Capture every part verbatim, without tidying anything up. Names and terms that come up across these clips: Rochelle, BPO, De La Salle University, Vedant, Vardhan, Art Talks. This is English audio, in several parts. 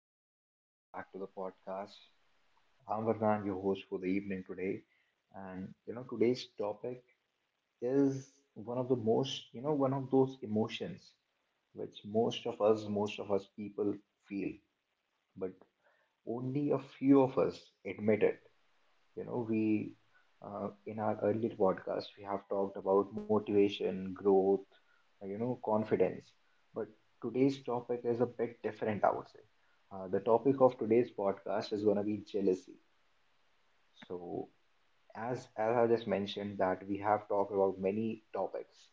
everyone and welcome back to the podcast. I'm Vardhan, your host for the evening today. And you know, today's topic is one of the most, you know, one of those emotions which most of us, most of us people feel, but only a few of us admit it. You know, we uh, In our earlier podcast we have talked about motivation, growth, uh, you know, confidence. But today's topic is a bit different, I would say. Uh, the topic of today's podcast is going to be jealousy. So, as as I just mentioned, that we have talked about many topics.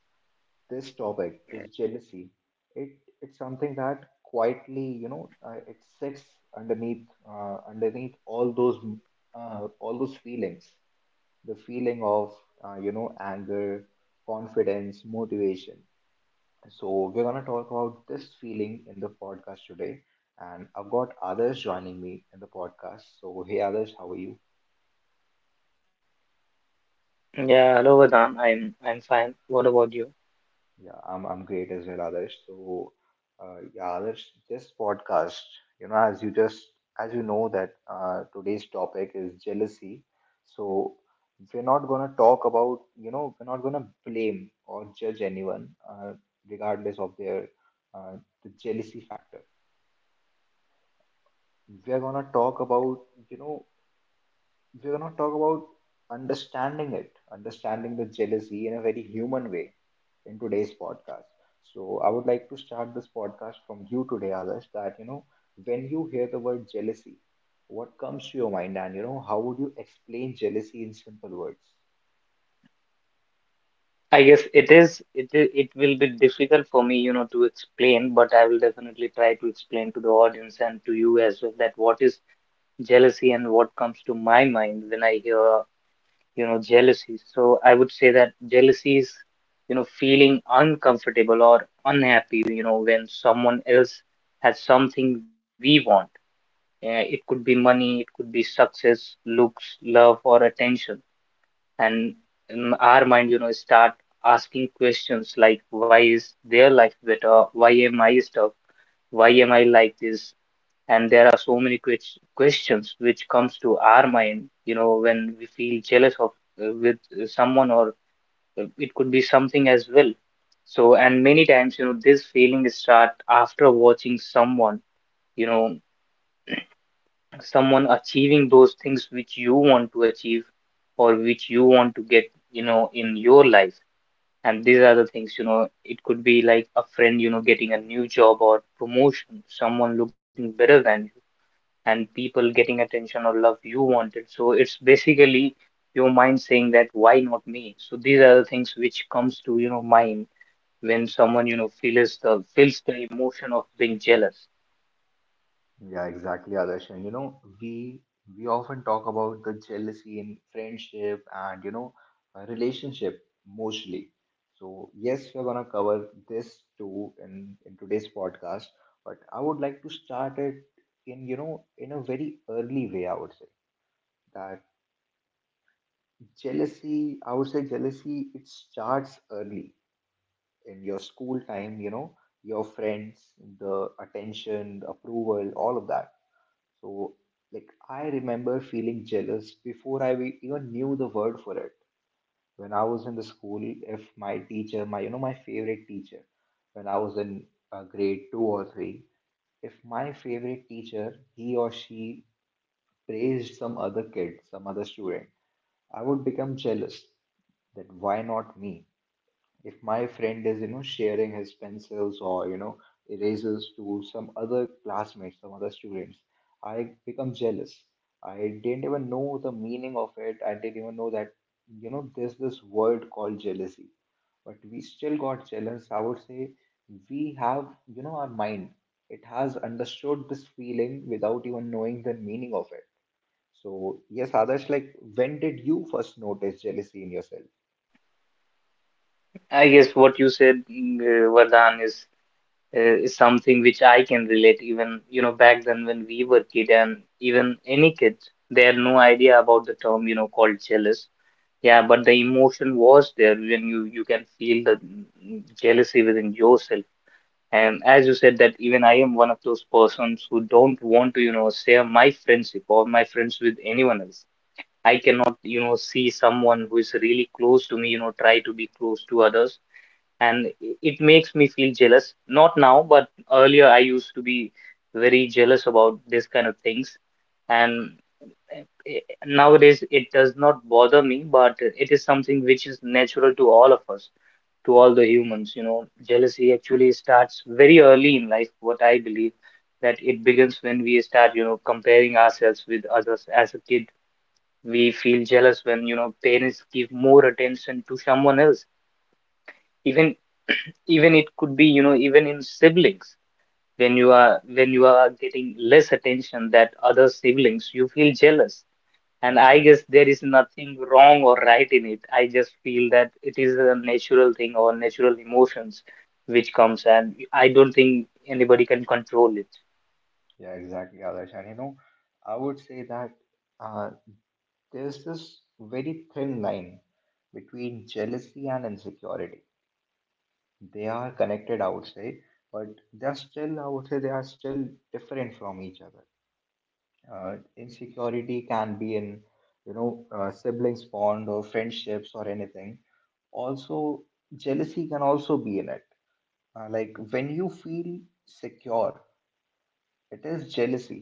This topic, this jealousy, it it's something that quietly, you know, uh, it sits underneath, uh, underneath all those, uh, all those feelings, the feeling of uh, you know anger, confidence, motivation. So we're going to talk about this feeling in the podcast today, and I've got others joining me in the podcast. So hey others, how are you? Yeah, hello Vedant. I'm I'm fine. What about you? Yeah, I'm I'm great as well, Adarsh. So, uh, yeah, Adarsh, this podcast, you know, as you just as you know, that uh, today's topic is jealousy. So, we're not gonna talk about, you know, we're not gonna blame or judge anyone, uh, regardless of their, uh, the jealousy factor. We're gonna talk about, you know, we're going to talk about understanding it, understanding the jealousy in a very human way in today's podcast. So, I would like to start this podcast from you today, Adarsh. That you know, when you hear the word jealousy, what comes to your mind, and you know, how would you explain jealousy in simple words? I guess it is it is, it will be difficult for me, you know, to explain, but I will definitely try to explain to the audience and to you as well that what is jealousy and what comes to my mind when I hear, you know, jealousy. So I would say that jealousy is, you know, feeling uncomfortable or unhappy, you know, when someone else has something we want. Uh, it could be money, it could be success, looks, love, or attention, and in our mind, you know, start asking questions like why is their life better, why am I stuck, why am I like this? And there are so many ques- questions which comes to our mind, you know, when we feel jealous of uh, with uh, someone, or uh, it could be something as well. So, and many times, you know, this feeling start after watching someone, you know, someone achieving those things which you want to achieve or which you want to get, you know, in your life. And these are the things, you know, it could be like a friend, you know, getting a new job or promotion, someone looking better than you, and people getting attention or love you wanted. So it's basically your mind saying that why not me? So these are the things which comes to, you know, mind when someone, you know, feels the feels the emotion of being jealous. Yeah, exactly, Adarsh. And you know, we we often talk about the jealousy in friendship and you know, uh, relationship mostly. So yes, we're gonna cover this too in in today's podcast. But I would like to start it in, you know in a very early way, I would say. That jealousy. I would say jealousy, it starts early in your school time. You know, your friends, the attention, the approval, all of that. So, like, I remember feeling jealous before I we- even knew the word for it. When I was in the school, if my teacher, my, you know, my favorite teacher, when I was in uh, grade two or three, if my favorite teacher, he or she, praised some other kid, some other student, I would become jealous. That why not me? If my friend is, you know sharing his pencils or, you know erasers to some other classmates, some other students, I become jealous. I didn't even know the meaning of it. I didn't even know that, you know there's this word called jealousy, but we still got jealous, I would say. We have, you know our mind, it has understood this feeling without even knowing the meaning of it. So yes others, like, when did you first notice jealousy in yourself? I guess what you said, mm, uh, Vardhan, is uh, is something which I can relate, even, you know, back then when we were kid, and even any kids, they had no idea about the term, you know, called jealous. Yeah, but the emotion was there when you you can feel the jealousy within yourself. And as you said, that even I am one of those persons who don't want to, you know, share my friendship or my friends with anyone else. I cannot, you know, see someone who is really close to me, you know, try to be close to others, and it makes me feel jealous. Not now, but earlier I used to be very jealous about this kind of things. And eh, nowadays it does not bother me, but it is something which is natural to all of us, to all the humans. You know, jealousy actually starts very early in life, what I believe. That it begins when we start, you know, comparing ourselves with others. As a kid, we feel jealous when, you know, parents give more attention to someone else, even even it could be, you know, even in siblings. When you Yeah, are when you are getting less attention that other siblings, you feel jealous. yeah, And I guess exactly. there is nothing wrong or right in it. I just feel that it is a natural thing or natural emotions which comes, and I don't think anybody can control it. Yeah, exactly, Adarsh. And you know, I would say that, uh, there's this very thin line between jealousy and insecurity. They are connected, I would say, but they're still, I would say, they are still different from each other. Uh, insecurity can be in, you know, uh, siblings bond or friendships or anything. Also, jealousy can also be in it. Uh, like, when you feel secure, it is jealousy.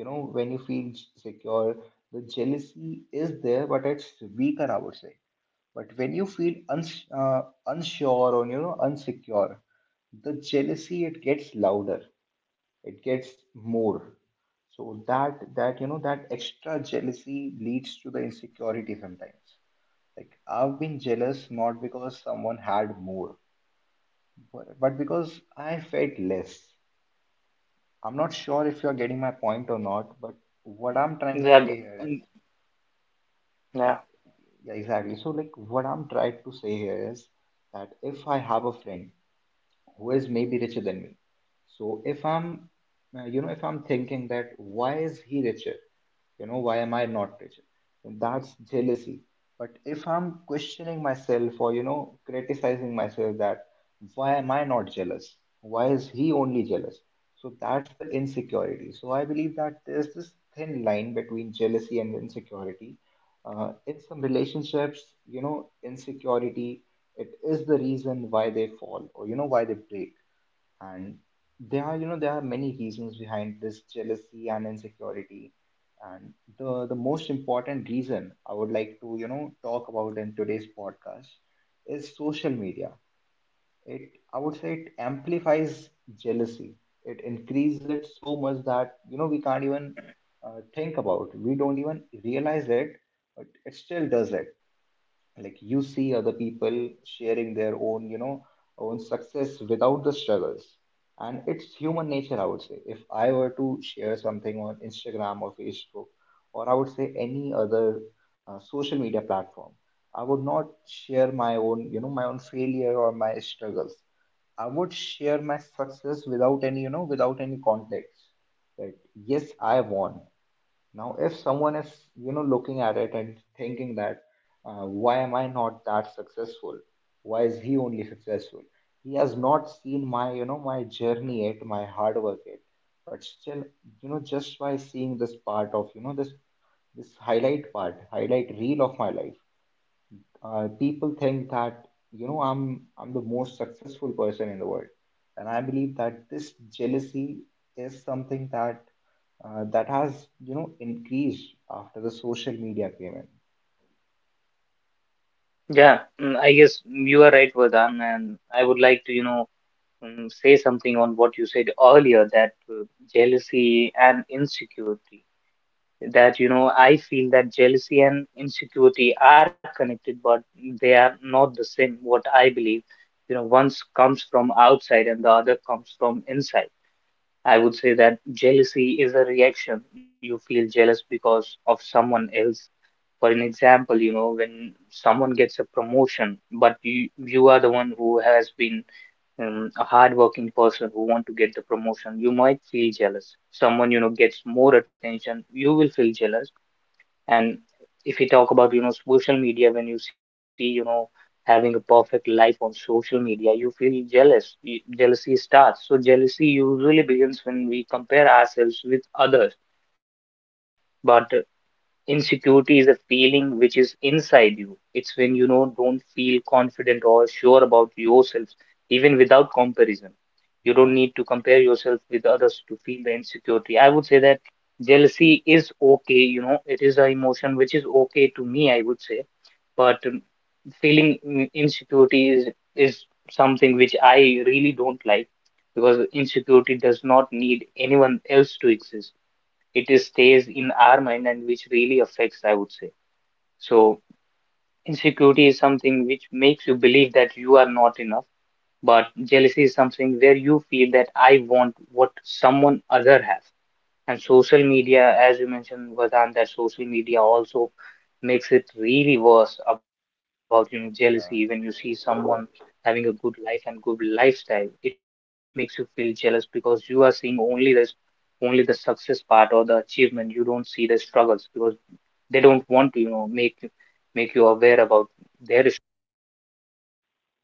You know, when you feel secure, the jealousy is there, but it's weaker, I would say. But when you feel uns- uh, unsure, or you know, unsecure, the jealousy, it gets louder, it gets more. So that that you know, that extra jealousy leads to the insecurity sometimes. Like, I've been jealous not because someone had more, but, but because I felt less. I'm not sure if you're getting my point or not, but what I'm trying to say That here is, mm, yeah, yeah. yeah, exactly. So, like, what I'm trying to say here is that if I have a friend who is maybe richer than me, so if I'm, uh, you know if I'm thinking that why is he richer, you know, why am I not richer? And that's jealousy. But if I'm questioning myself, or you know, criticizing myself, that why am I not jealous, why is he only jealous, so that's the insecurity. So I believe that there's this thin line between jealousy and insecurity. Uh, in some relationships, you know, insecurity, it is the reason why they fall, or you know, why they break. And there are, you know there are many reasons behind this jealousy and insecurity. And the the most important reason I would like to, you know talk about in today's podcast is social media. It, I would say, it amplifies jealousy, it increases it so much that, you know, we can't even, uh, think about, we don't even realize it, but it still does it. Like, you see other people sharing their own, you know own success without the struggles. And it's human nature, I would say. If I were to share something on Instagram or Facebook, or I would say any other, uh, social media platform, I would not share my own, you know my own failure or my struggles. I would share my success without any, you know, without any context. That yes, I won. Now, if someone is, you know, looking at it and thinking that, uh, why am I not that successful? Why is he only successful? He has not seen my, you know, my journey yet, my hard work yet. But still, you know, just by seeing this part of, you know, this this highlight part, highlight reel of my life, uh, people think that, you know, I'm I'm the most successful person in the world, and I believe that this jealousy is something that, uh, that has, you know, increased after the social media came in. Yeah, mm, I guess you are right, Vardhan, and I would like to, you know, um, say something on what you said earlier, that uh, jealousy and insecurity, that you know, I feel that jealousy and insecurity are connected, but they are not the same, what I believe. You know, once comes from outside and the other comes from inside. I would say that jealousy is a reaction. You feel jealous because of someone else. For an example, you know, when someone gets a promotion, but you you are the one who has been, um, a hardworking person who want to get the promotion, you might feel jealous. Someone, you know, gets more attention, you will feel jealous. And if you talk about, you know, social media, when you see, you know, having a perfect life on social media, you feel jealous. Y- Jealousy starts. So jealousy usually begins when we compare ourselves with others. But insecurity is a feeling which is inside you. It's when you know don't feel confident or sure about yourself, even without comparison. You don't Yeah, need to compare yourself with others to feel the insecurity. I would say that jealousy is okay, you know, it is an emotion which is okay to me, I would say, but um, feeling, mm, insecurity is is something which I really don't like, because insecurity does not need anyone else to exist. It is stays in our mind, and which really affects, I would say. So insecurity is something which makes you believe that you are not enough, but jealousy is something where you feel that I want what someone other has. And social media, as you mentioned, Vadan, that social media also makes it really worse about, you know, jealousy. When you see yeah, someone having a good life and good lifestyle, it makes you feel jealous because you are seeing only this, only the success part or the achievement. You don't see the struggles, because they don't want to, you know, make make you aware about their issue.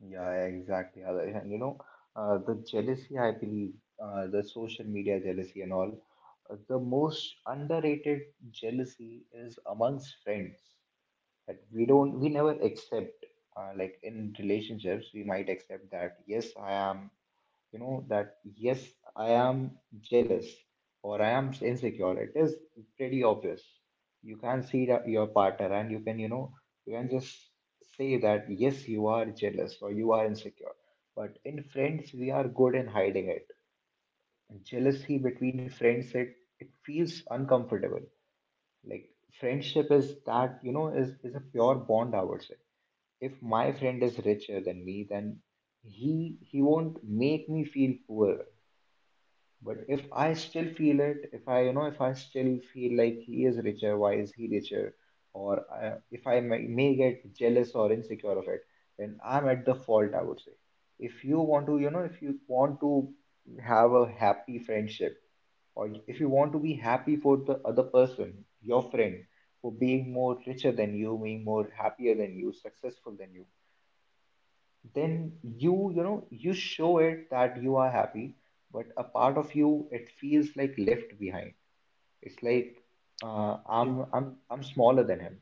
yeah, exactly. Adarsh. And you know, uh, the jealousy, I believe, uh, the social media jealousy and all, uh, the most underrated jealousy is amongst friends. That we don't we never accept, uh, like in relationships we might accept that yes I am, you know, that yes I am jealous, or I am insecure. It is pretty obvious. You can see that your partner and you can, you know you can just say that yes, you are jealous or you are insecure. But in friends, we are good in hiding it. Jealousy between friends, it it feels uncomfortable. Like, friendship is that, you know, is is a pure bond, I would say. If my friend is richer than me, then he he won't make me feel poor. But if I still feel it, if I, you know, if I still feel like he is richer, why is he richer, or I, if I may, may get jealous or insecure of it, then I'm at the fault, I would say. If you want to, you know if you want to have a happy friendship, or if you want to be happy for the other person, your friend, for being more richer than you, being more happier than you, successful than you, then you you know you show it that you are happy. But a part of you, it feels like left behind. It's like, uh, i'm i'm I'm smaller than him.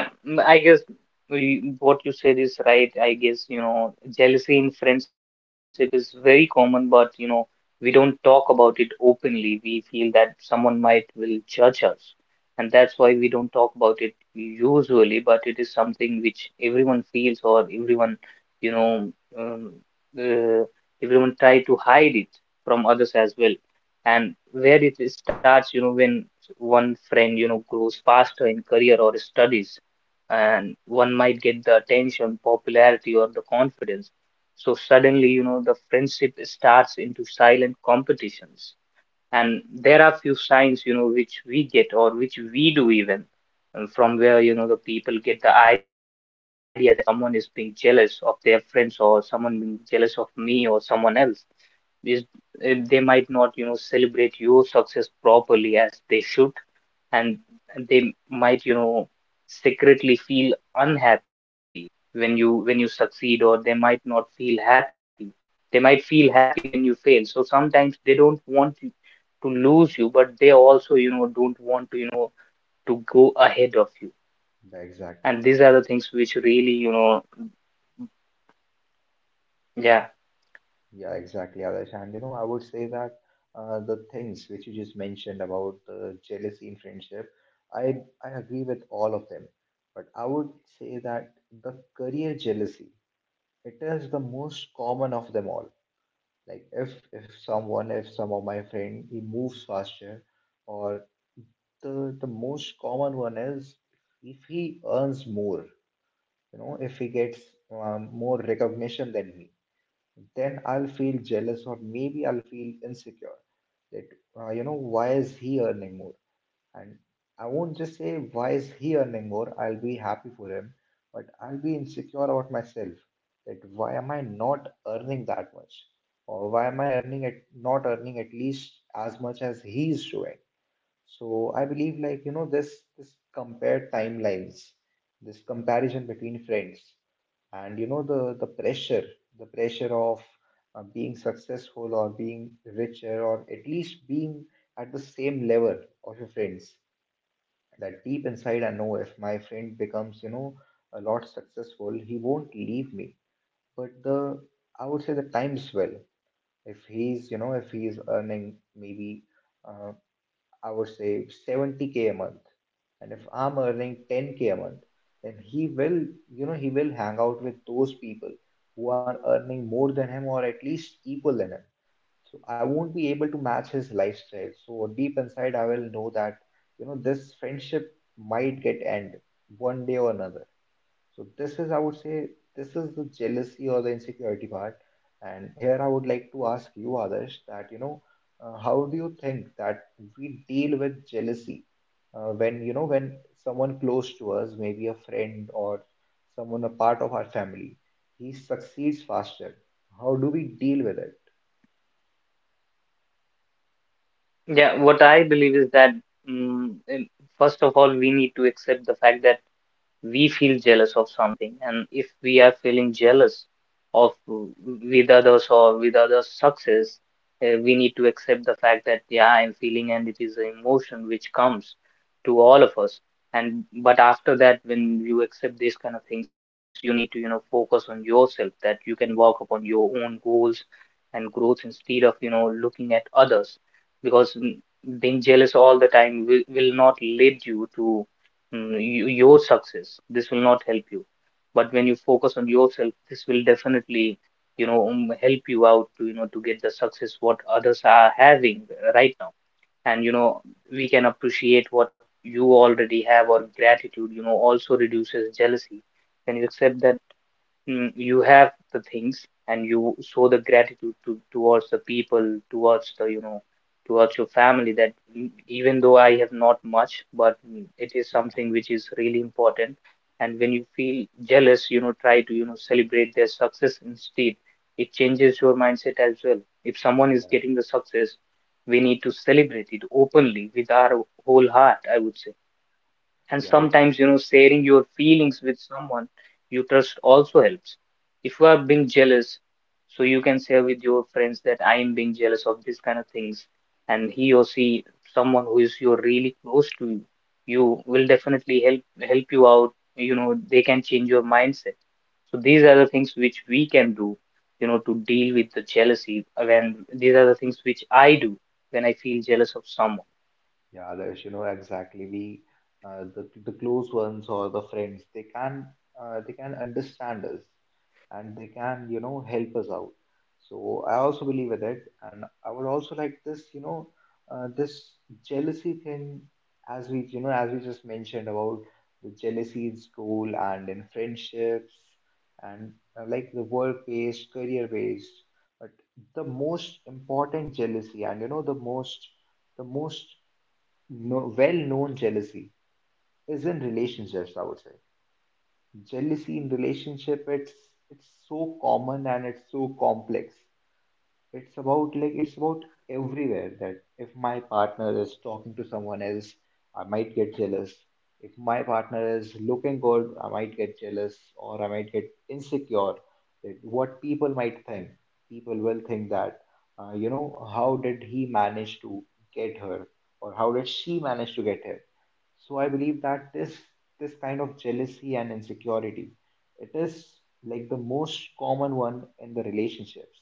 Yeah, mm, I guess we, what you said is right. I guess, you know, jealousy in friendship is very common, but, you know, we don't talk about it openly. We feel that someone might will judge us, and that's why we don't talk about it usually, but it is something which everyone feels, or everyone, you know, um, uh, everyone try to hide it from others as well. And where it starts, you know, when one friend, you know, grows faster in career or studies, and one might get the attention, popularity, or the confidence. So suddenly, you know, the friendship starts into silent competitions. And there are few signs, you know, which we get or which we do even, and from where, you know, the people get the idea that someone is being jealous of their friends, or someone being jealous of me or someone else is, eh, they might not, you know, celebrate your success properly as they should. And they might, you know, secretly feel unhappy when you when you succeed, or they might not feel happy. They might feel happy when you fail. So sometimes they don't want you to lose you, but they also, you know, don't want to, you know, to go ahead of you. Yeah, And exactly. these are the things which really, you know, yeah. Yeah exactly, Adarsh. And you know, I would say that, uh, the things which you just mentioned about the jealousy in friendship, i i agree with all of them. But I would say that the career jealousy, it is the most common of them all. Like, if if someone, if some of my friend, he moves faster, or the the most common one is if he earns more. You know, if he gets, um, more recognition than me, then I'll feel jealous, or maybe I'll feel insecure that, uh, you know why is he earning more? And I won't just say, why is he earning more? I'll be happy for him, but I'll be insecure about myself. That why am I not earning that much? Or why am I earning at not earning at least as much as he's doing? So I believe like, you know, this this compared timelines, this comparison between friends, and you know, the the pressure, the pressure of, uh, being successful or being richer, or at least being at the same level of your friends. That deep inside I know if my friend becomes, you know, a lot successful, he won't leave me. But the, I would say, the times will. If he's, you know, if he's earning maybe, uh, I would say, seventy k a month, and if I'm earning ten k a month, then he will, you know, he will hang out with those people who are earning more than him, or at least equal than him. So I won't be able to match his lifestyle. So deep inside, I will know that, you know, this friendship might get end one day or another. So this is, I would say, this is the jealousy or the insecurity part. And here I would like to ask you, Adarsh, that, you know, uh, how do you think that we deal with jealousy uh, when, you know, when someone close to us, maybe a friend or someone a part of our family, he succeeds faster. How do we deal with it? Yeah, what I believe is that, mm, in- first of all, we need to accept the fact that we feel jealous of something. And if we are feeling jealous of with others, or with others success, uh, we need to accept the fact that, yeah, I'm feeling, and it is an emotion which comes to all of us. And but after that, when you accept these kind of things, you need to, you know, focus on yourself, that you can work upon your own goals and growth instead of, you know, looking at others. Because, mm, being jealous all the time will, will not lead you to, mm, you, your success. This will not help you. But when you focus on yourself, this will definitely, you know, um, help you out to, you know, to get the success what others are having, uh, right now. And, you know, we can appreciate what you already have, or gratitude, you know, also reduces jealousy. When you accept that, mm, you have the things, and you show the gratitude to, towards the people, towards the, you know, towards your family, that, mm, even though I have not much, but, mm, it is something which is really important. And when you feel jealous, you know, try to, you know, celebrate their success instead. It changes your mindset as well. If someone is Yeah. getting the success, we need to celebrate it openly with our whole heart, I would say. And Yeah, it. sometimes, you know, sharing your feelings with someone you trust also helps. If you are being jealous, so you can share with your friends that I am being jealous of this kind of things, and he or she, someone who is you're really close to, you will definitely help, help you out. You know, they can change your mindset. So these are the things which we can do, you know, to deal with the jealousy. When these are the things which I do when I feel jealous of someone. Yeah, Adarsh, you know exactly. We, uh, the the close ones or the friends, they can uh, they can understand us, and they can you know help us out. So I also believe in it, and I would also like this, you know uh, this jealousy thing, as we you know as we just mentioned about the jealousy in school and in friendships, and uh, like the work based, career based, but the most important jealousy, and you know the most, the most no, well-known jealousy is in relationships. I would say jealousy in relationship, it's it's so common and it's so complex. It's about, like, it's about everywhere, that if my partner is talking to someone else, I might get jealous. If my partner is looking good, I might get jealous, or I might get insecure. That what people might think. People will think that, uh, you know, how did he manage to get her, or how did she manage to get him? So I believe that this this kind of jealousy and insecurity, it is like the most common one in the relationships.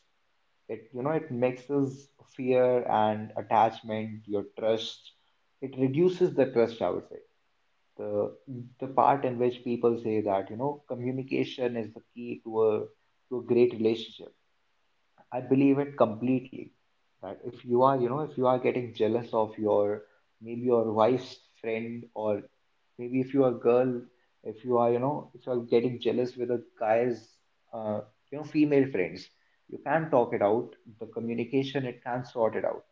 It you know it mixes fear and attachment, your trust. It reduces the trust, I would say. The the part in which people say that, you know, communication is the key to a to a great relationship, I believe it completely. That if you are, you know, if you are getting jealous of your, maybe your wife's friend, or maybe if you are a girl, if you are, you know, if you are getting jealous with a guy's, uh, you know, female friends, you can talk it out. The communication, it can sort it out.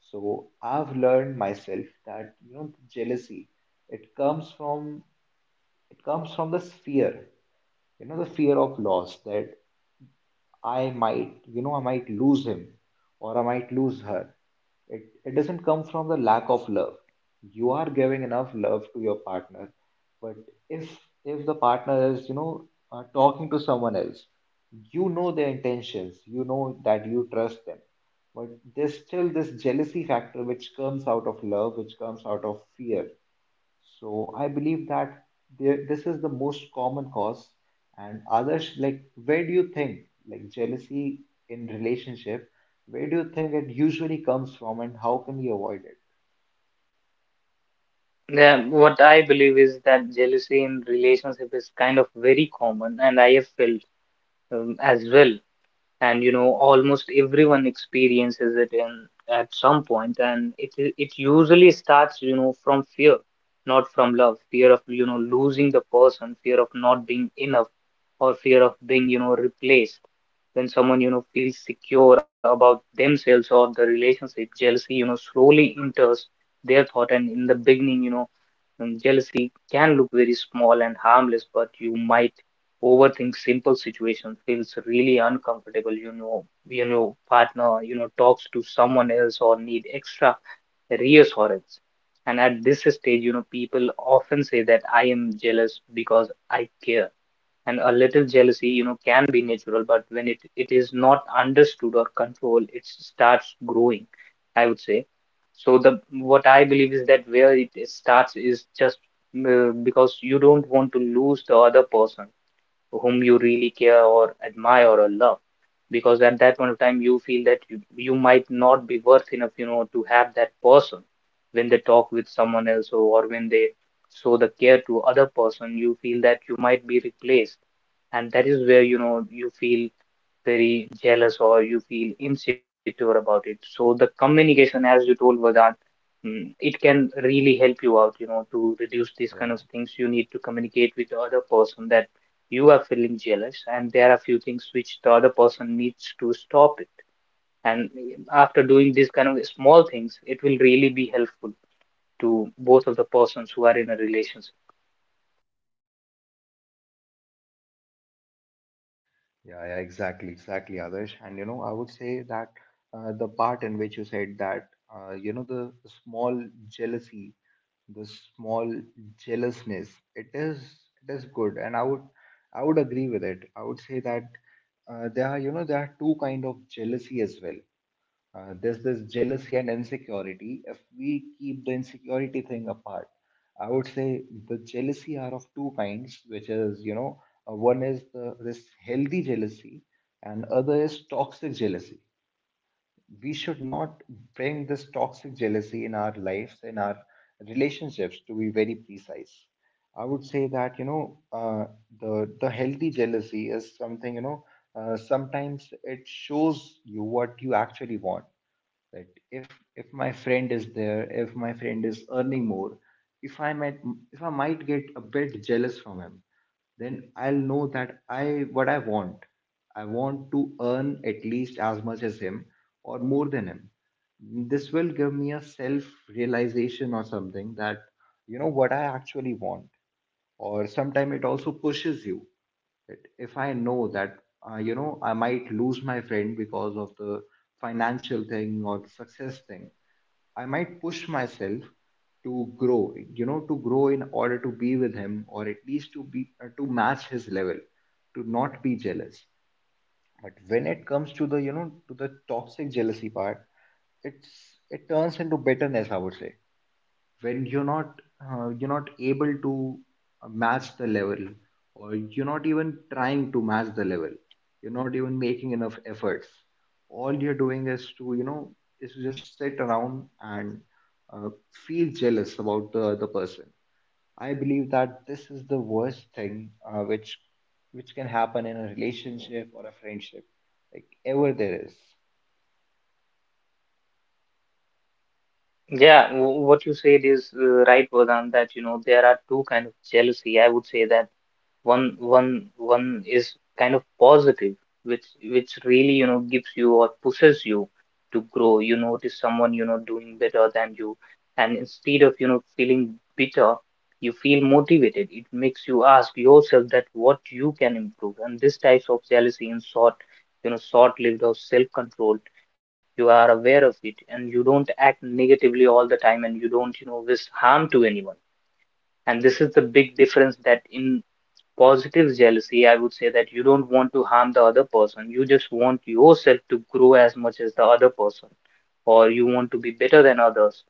So I've learned myself that, you know, jealousy, it comes from, it comes from this fear, you know, the fear of loss, that I might, you know, I might lose him, or I might lose her. It, it doesn't come from the lack of love. You are giving enough love to your partner, but if if the partner is, you know, uh, talking to someone else, you know their intentions. You know that you trust them, but there's still this jealousy factor, which comes out of love, which comes out of fear. So I believe that there, this is the most common cause. And others, like, where do you think, like, jealousy in relationship, where do you think it usually comes from, and how can we avoid it? Yeah, what I believe is that jealousy in relationship is kind of very common, and I have felt, um, as well. And you know, almost everyone experiences it in at some point, and it i- it usually starts, you know, from fear, not from love. Fear of, you know, losing the person, fear of not being enough, or fear of being, you know, replaced. When someone, you know, feels secure about themselves or the relationship, jealousy, you know, slowly enters their thought. And in the beginning, you know, um, jealousy can look very small and harmless, but you might overthink simple situations, feels really uncomfortable. You know, you know, partner, you know, talks to someone else or need extra reassurance. And at this stage, you know, people often say that I am jealous because I care. And a little jealousy, you know, can be natural, but when it, it is not understood or controlled, it starts growing, I would say. So the what I believe is that where it starts is just uh, because you don't want to lose the other person whom you really care or admire or love. Because at that point of time, you feel that you, you might not be worth enough, you know, to have that person. When they talk with someone else, or or when they show the care to other person, you feel that you might be replaced. And that is where, you know, you feel very jealous or you feel insecure about it. So the communication, as you told Vedant, Mm, it can really help you out, you know, to reduce these kind of Yeah. things. You need to communicate with the other person that you are feeling jealous, and there are few things which the other person needs to stop it. And eh, after doing these kind of small things, it will really be helpful to both of the persons who are in a relationship. Yeah, yeah, exactly, exactly, Adarsh. And you know, I would say that uh, the part in which you said that, uh, you know, the small jealousy, the small jealousness, it is it is good, and I would I would agree with it. I would say that, uh, there are you know there are two kind of jealousy as well. uh, there's this jealousy and insecurity. If we keep the insecurity thing apart, I would say the jealousy are of two kinds, which is, you know, uh, one is the, this healthy jealousy, and other is toxic jealousy. We should not bring this toxic jealousy in our lives, in our relationships, to be very precise. I would say that, you know, uh, the, the healthy jealousy is something, you know, uh, sometimes it shows you what you actually want. That if if my friend is there if my friend is earning more, if i might if i might get a bit jealous from him, then I'll know that I what I want, I want to earn at least as much as him, or more than him. This will give me a self realization, or something, that, you know, what I actually want. Or sometimes it also pushes you. Right? If I know that, uh, you know, I might lose my friend because of the financial thing or the success thing, I might push myself to grow, you know, to grow in order to be with him, or at least to be uh, to match his level, to not be jealous. But when it comes to the, you know, to the toxic jealousy part, it's it turns into bitterness, I would say. When you're not uh, you're not able to uh, match the level, or you're not even trying to match the level, you're not even making enough efforts. All you're doing is to, you know is to just sit around and uh, feel jealous about the other person. I believe that this is the worst thing, uh, which which can happen in a relationship or a friendship, like, ever there is. Yeah, w- what you said is uh, right, Vedant, that you know there are two kind of jealousy. I would say that one one one is kind of positive, which which really, you know, gives you or pushes you to grow. You notice someone, you know, doing better than you, and instead of, you know, feeling bitter, you feel motivated. It makes you ask yourself that what you can improve, and this types of jealousy in short, you know, short lived or self controlled. You are aware of it and you don't act negatively all the time, and you don't, you know, wish harm to anyone. And this is the big difference, that in positive jealousy, I would say that you don't want to harm the other person. You just want yourself to grow as much as the other person, or you want to be better than others.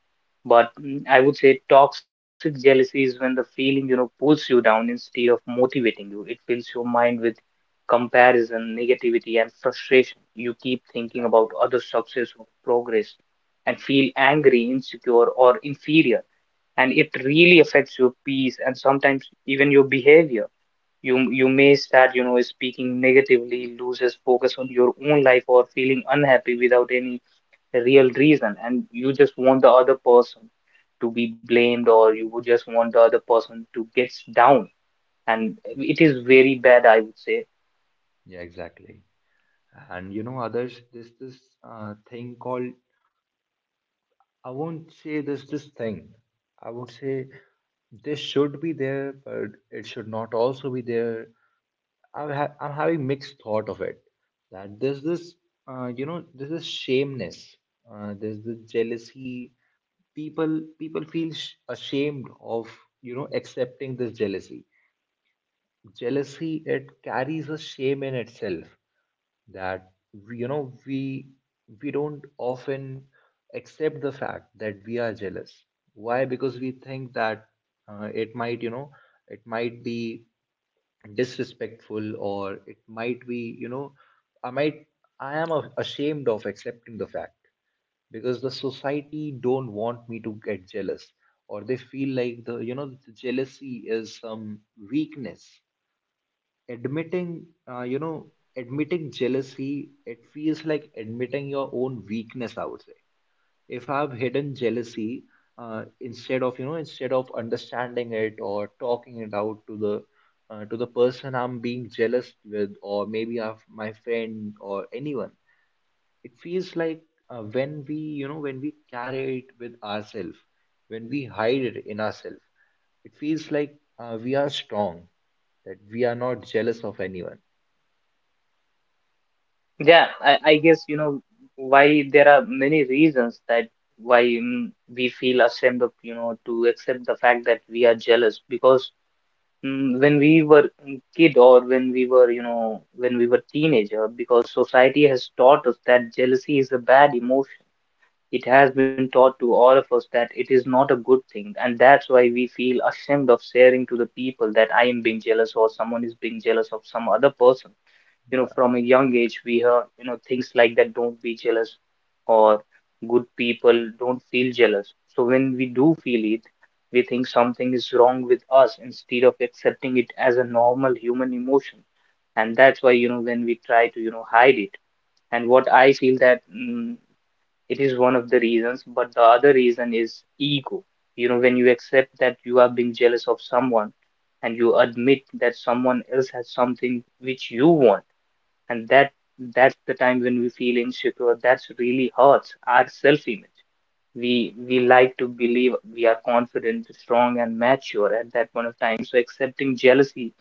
But mm, I would say toxic jealousy is when the feeling, you know, pulls you down instead of motivating you. It fills your mind with comparison, negativity, and frustration. You keep thinking about Exactly. other success or progress, and feel angry, insecure, or inferior. And it really affects your peace and sometimes even your behavior. You you may start, you know, speaking negatively, loses focus on your own life, or feeling unhappy without any real reason, and you just want the other person to be blamed, or you would just want the other person to get down, and Yeah. it is very bad, I would say. Yeah, exactly. And you know, others, there's this uh, thing called, I won't say there's this thing, I would say this should be there, but it should not also be there. I'm, ha- I'm having mixed thought of it, that there's this, uh, you know, there's this shameness, uh, there's this jealousy. People, people feel sh- ashamed of, you know, accepting this jealousy. Jealousy, it carries a shame in itself, that you know we we don't often accept the fact that we are jealous. Why? Because we think that, uh, it might you know it might be disrespectful, or it might be you know I might i am a- ashamed of accepting the fact, because the society don't want me to get jealous, or they feel like the you know the jealousy is some weakness. Admitting, uh, you know admitting jealousy, it feels like admitting your own weakness, I would say. If I've hidden jealousy, uh, instead of, you know instead of understanding it, or talking it out to the, uh, to the person I'm being jealous with, or maybe of my friend, or anyone, it feels like, uh, when we you know when we carry it with ourselves, when we hide it in ourselves, it feels like, uh, we are strong, that we are not jealous of anyone. Yeah, I, I guess, you know, why there are many reasons that why, mm, we feel ashamed of, you know, to accept the fact that we are jealous. Because mm, when we were, mm, kid, or when we were, you know, when we were teenager, because society has taught us that jealousy is a bad emotion. It has been taught to all of us that it is not a good thing, and that's why we feel ashamed of sharing to the people that I am being jealous or someone is being jealous of some other person. You know, Yeah. from a young age we hear, you know, things like that don't be jealous, or good people don't feel jealous. So when we do feel it, we think something is wrong with us instead of accepting it as a normal human emotion. And that's why, you know, when we try to, you know, hide it. And what I feel that, mm, it is one of the reasons, but the other reason is ego. You know, when you accept that you are being jealous of someone, and you admit that someone else has something which you want, and that that's the time when we feel insecure. That's really hurts our self image. We we like to believe we are confident, strong and mature at that point of time. So accepting jealousy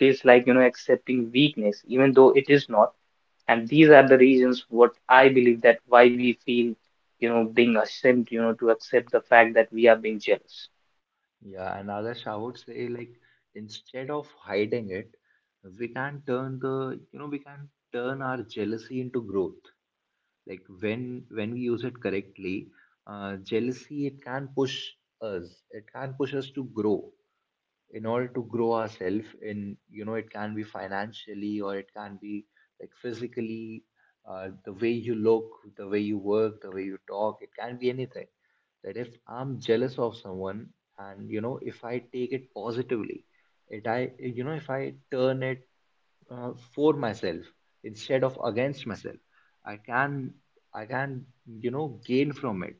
feels like, you know, accepting weakness, even though it is not. And these are the reasons what I believe that why we feel, you know, being ashamed, you know, to accept the fact that we are being jealous. Yeah, and Adarsh, I would say, like, instead of hiding it, we can turn the, you know we can turn our jealousy into growth. Like, when when we use it correctly, uh, jealousy, it can push us. It can push us to grow, in order to grow ourselves in, you know it can be financially, or it can be, like, physically, uh, the way you look, the way you work, the way you talk, it can be anything. That if I'm jealous of someone, and you know, if I take it positively, it I you know if I turn it, uh, for myself, instead of against myself, i can i can, you know gain from it.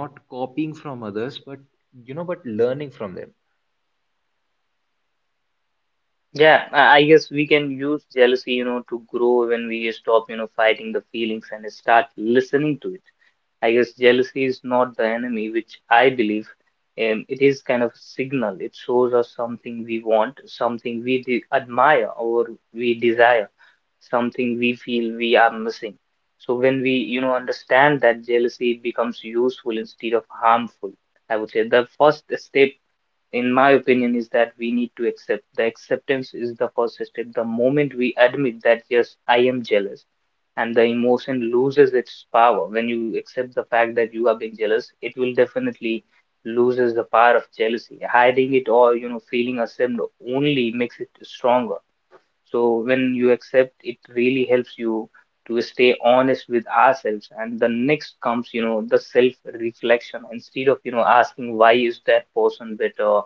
Not copying from others, but you know but learning from them. Yeah, i I guess we can use jealousy, you know, to grow when we stop, you know, fighting the feelings and start listening to it. I guess jealousy is not the enemy, which I believe. Um, it is kind of a signal. It shows us something we want, something we de- admire or we desire, something we feel we are missing. So when we, you know, understand that jealousy, it becomes useful instead of harmful. I would say the first step, in my opinion, is that we need to accept. The acceptance is the first step. The moment we admit that yes, I am jealous, and the emotion loses its power. When you accept the fact that you are being jealous, it will definitely loses the power of jealousy. Hiding it, or, you know, feeling ashamed, only makes it stronger. So when you accept, it really helps you to stay honest with ourselves. And the next comes, you know, the self-reflection. Instead of, you know, asking why is that person better,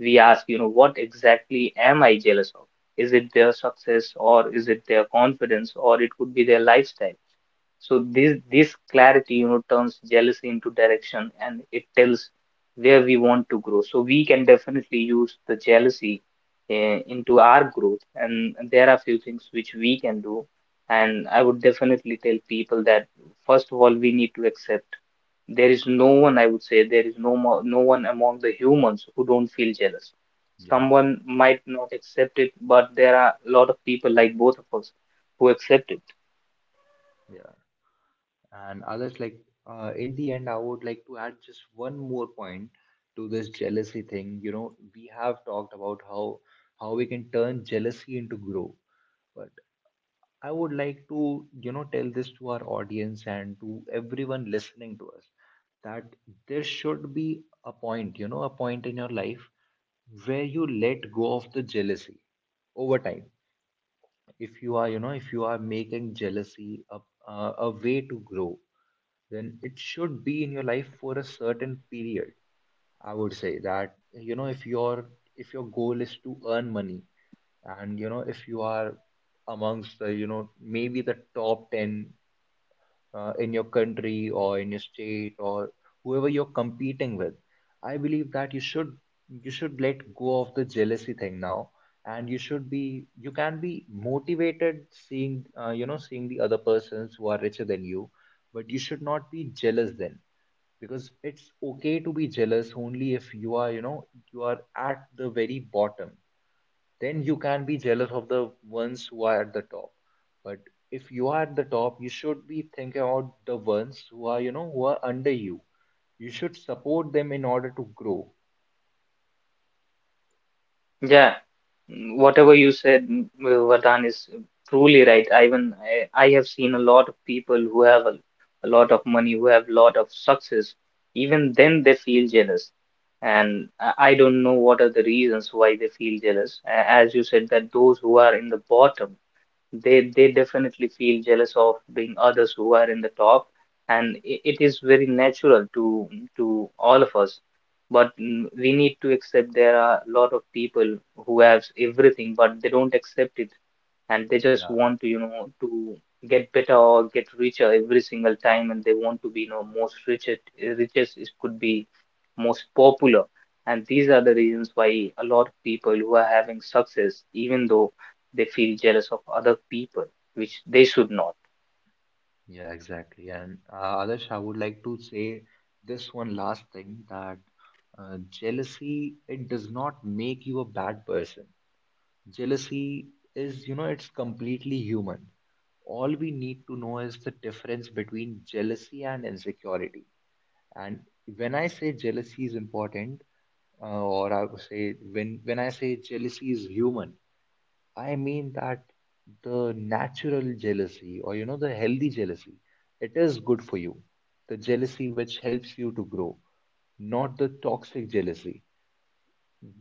we ask, you know, what exactly am I jealous of? Is it their success, or is it their confidence, or it could be their lifestyle? So this this clarity, you know, turns jealousy into direction, and it tells where we want to grow. So we can definitely use the jealousy uh, into our growth. And there are few things which we can do. And I would definitely tell people that first of all, we need to accept there is no one, I would say, there is no more, no one among the humans who don't feel jealous. Yeah. Someone might not accept it, but there are a lot of people like both of us who accept it. Yeah. And others, like, uh, in the end, I would like to add just one more point to this jealousy thing. You know, we have talked about how how we can turn jealousy into grow. But I would like to, you know, tell this to our audience, and to everyone listening to us, that there should be a point, you know, a point in your life, where you let go of the jealousy over time. If you are you know if you are making jealousy a, a, a way to grow, then it should be in your life for a certain period. I would say that, you know, if your if your goal is to earn money, and you know, if you are amongst the you know maybe the top ten, uh, in your country, or in your state, or whoever you're competing with, I believe that you should you should let go of the jealousy thing now. And you should be you can be motivated, seeing, uh, you know, seeing the other persons who are richer than you, but you should not be jealous then, because it's okay to be jealous only if you are you know you are at the very bottom. Then you can be jealous of the ones who are at the top, but if you are at the top, you should be thinking about the ones who are you know who are under you. You should support them, in order to grow. Yeah, mm, whatever you said, mm, uh, Vardhan, is truly right. I even I, I have seen a lot of people who have a, a lot of money, who have a lot of success. Even then, they feel jealous, and I I don't know what are the reasons why they feel jealous. A- As you said, that those who are in the bottom, they they definitely feel jealous of being others who are in the top. And i- it is very natural to to all of us. But mm, we need to accept there are a lot of people who have everything but they don't accept it, and they just Yeah. want to, you know, to get better or get richer every single time, and they want to be, you know, most richest. Richest is- could be most popular. And these are the reasons why a lot of people who are having success, even though, they feel jealous of other people, which they should not. Yeah, exactly. And, uh, Adarsh, I would like to say this one last thing, that, uh, jealousy, it does not make you a bad person. Jealousy is, you know, It's completely human. All we need to know is the difference between jealousy and insecurity. And when I say jealousy is important, uh, or I would say, when when I say jealousy is human, I mean that the natural jealousy, or you know, the healthy jealousy, it is good for you. The jealousy which helps you to grow, not the toxic jealousy.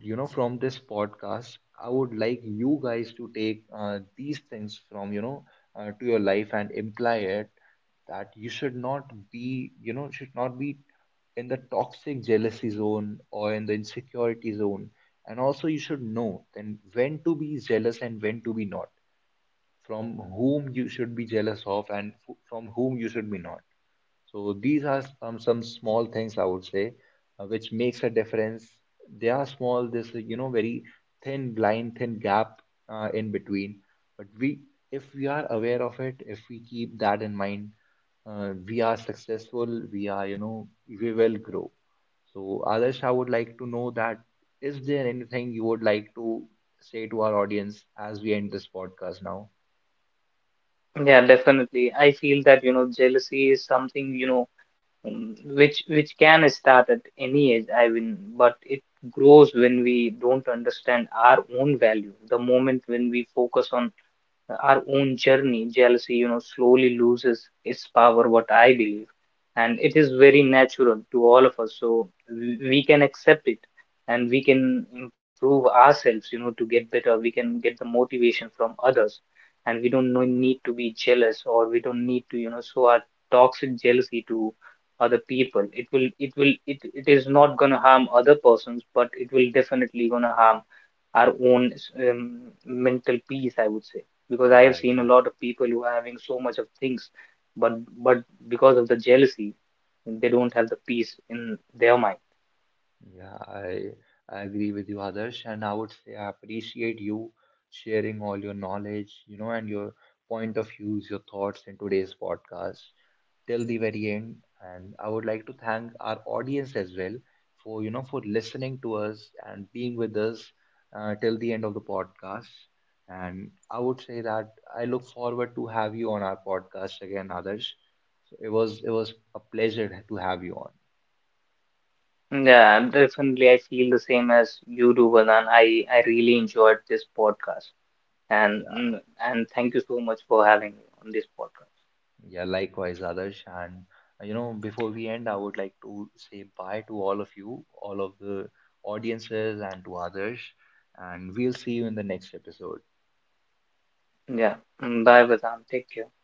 You know, from this podcast, I would like you guys to take, uh, these things from, you know uh, to your life, and imply it. That you should not be you know should not be in the toxic jealousy zone, or in the insecurity zone. And also, you should know then, when to be jealous and when to be not, from whom you should be jealous of, and from whom you should be not. So these are some, some small things, I would say, uh, which makes a difference. They are small. This, you know, very thin blind, thin gap, uh, in between. But we, if we are aware of it, if we keep that in mind, uh, we are successful. We are you know we will grow. So Adarsh, I would like to know that, is there anything you would like to say to our audience as we end this podcast now? Yeah, definitely I feel that, you know, jealousy is something, you know, um, which which can start at any age, I mean, but it grows when we don't understand our own value. The moment when we focus on our own journey, jealousy, you know, slowly loses its power, what I believe. And it is very natural to all of us. So we we can accept it, and we can improve ourselves, you know, to get better. We can get the motivation from others. And we don't no- need to be jealous, or we don't need to, you know, show our toxic jealousy to other people. It will, it will, it, it is not going to harm other persons, but it will definitely going to harm our own um, mental peace, I would say. Because I have Yeah, seen a exactly. lot of people who are having so much of things, but but because of the jealousy, they don't have the peace in their mind. Yeah, I I agree with you, Adarsh, and I would say I appreciate you sharing all your knowledge, you know, and your point of views, your thoughts in today's podcast till the very end. And I would like to thank our audience as well for, you know, for listening to us, and being with us, uh, till the end of the podcast. And I would say that I look forward to have you on our podcast again, Adarsh. So it was it was a pleasure to have you on. Yeah, definitely I feel the same as you do, Vanan. I I really enjoyed this podcast, and Yeah. mm, and thank you so much for having me on this podcast. Yeah, likewise, Adarsh. And, uh, you know, before we end, I would like to say bye to all of you, all of the audiences, and to others, and we'll see you in the next episode. Yeah, mm, bye, Vanan. Take care.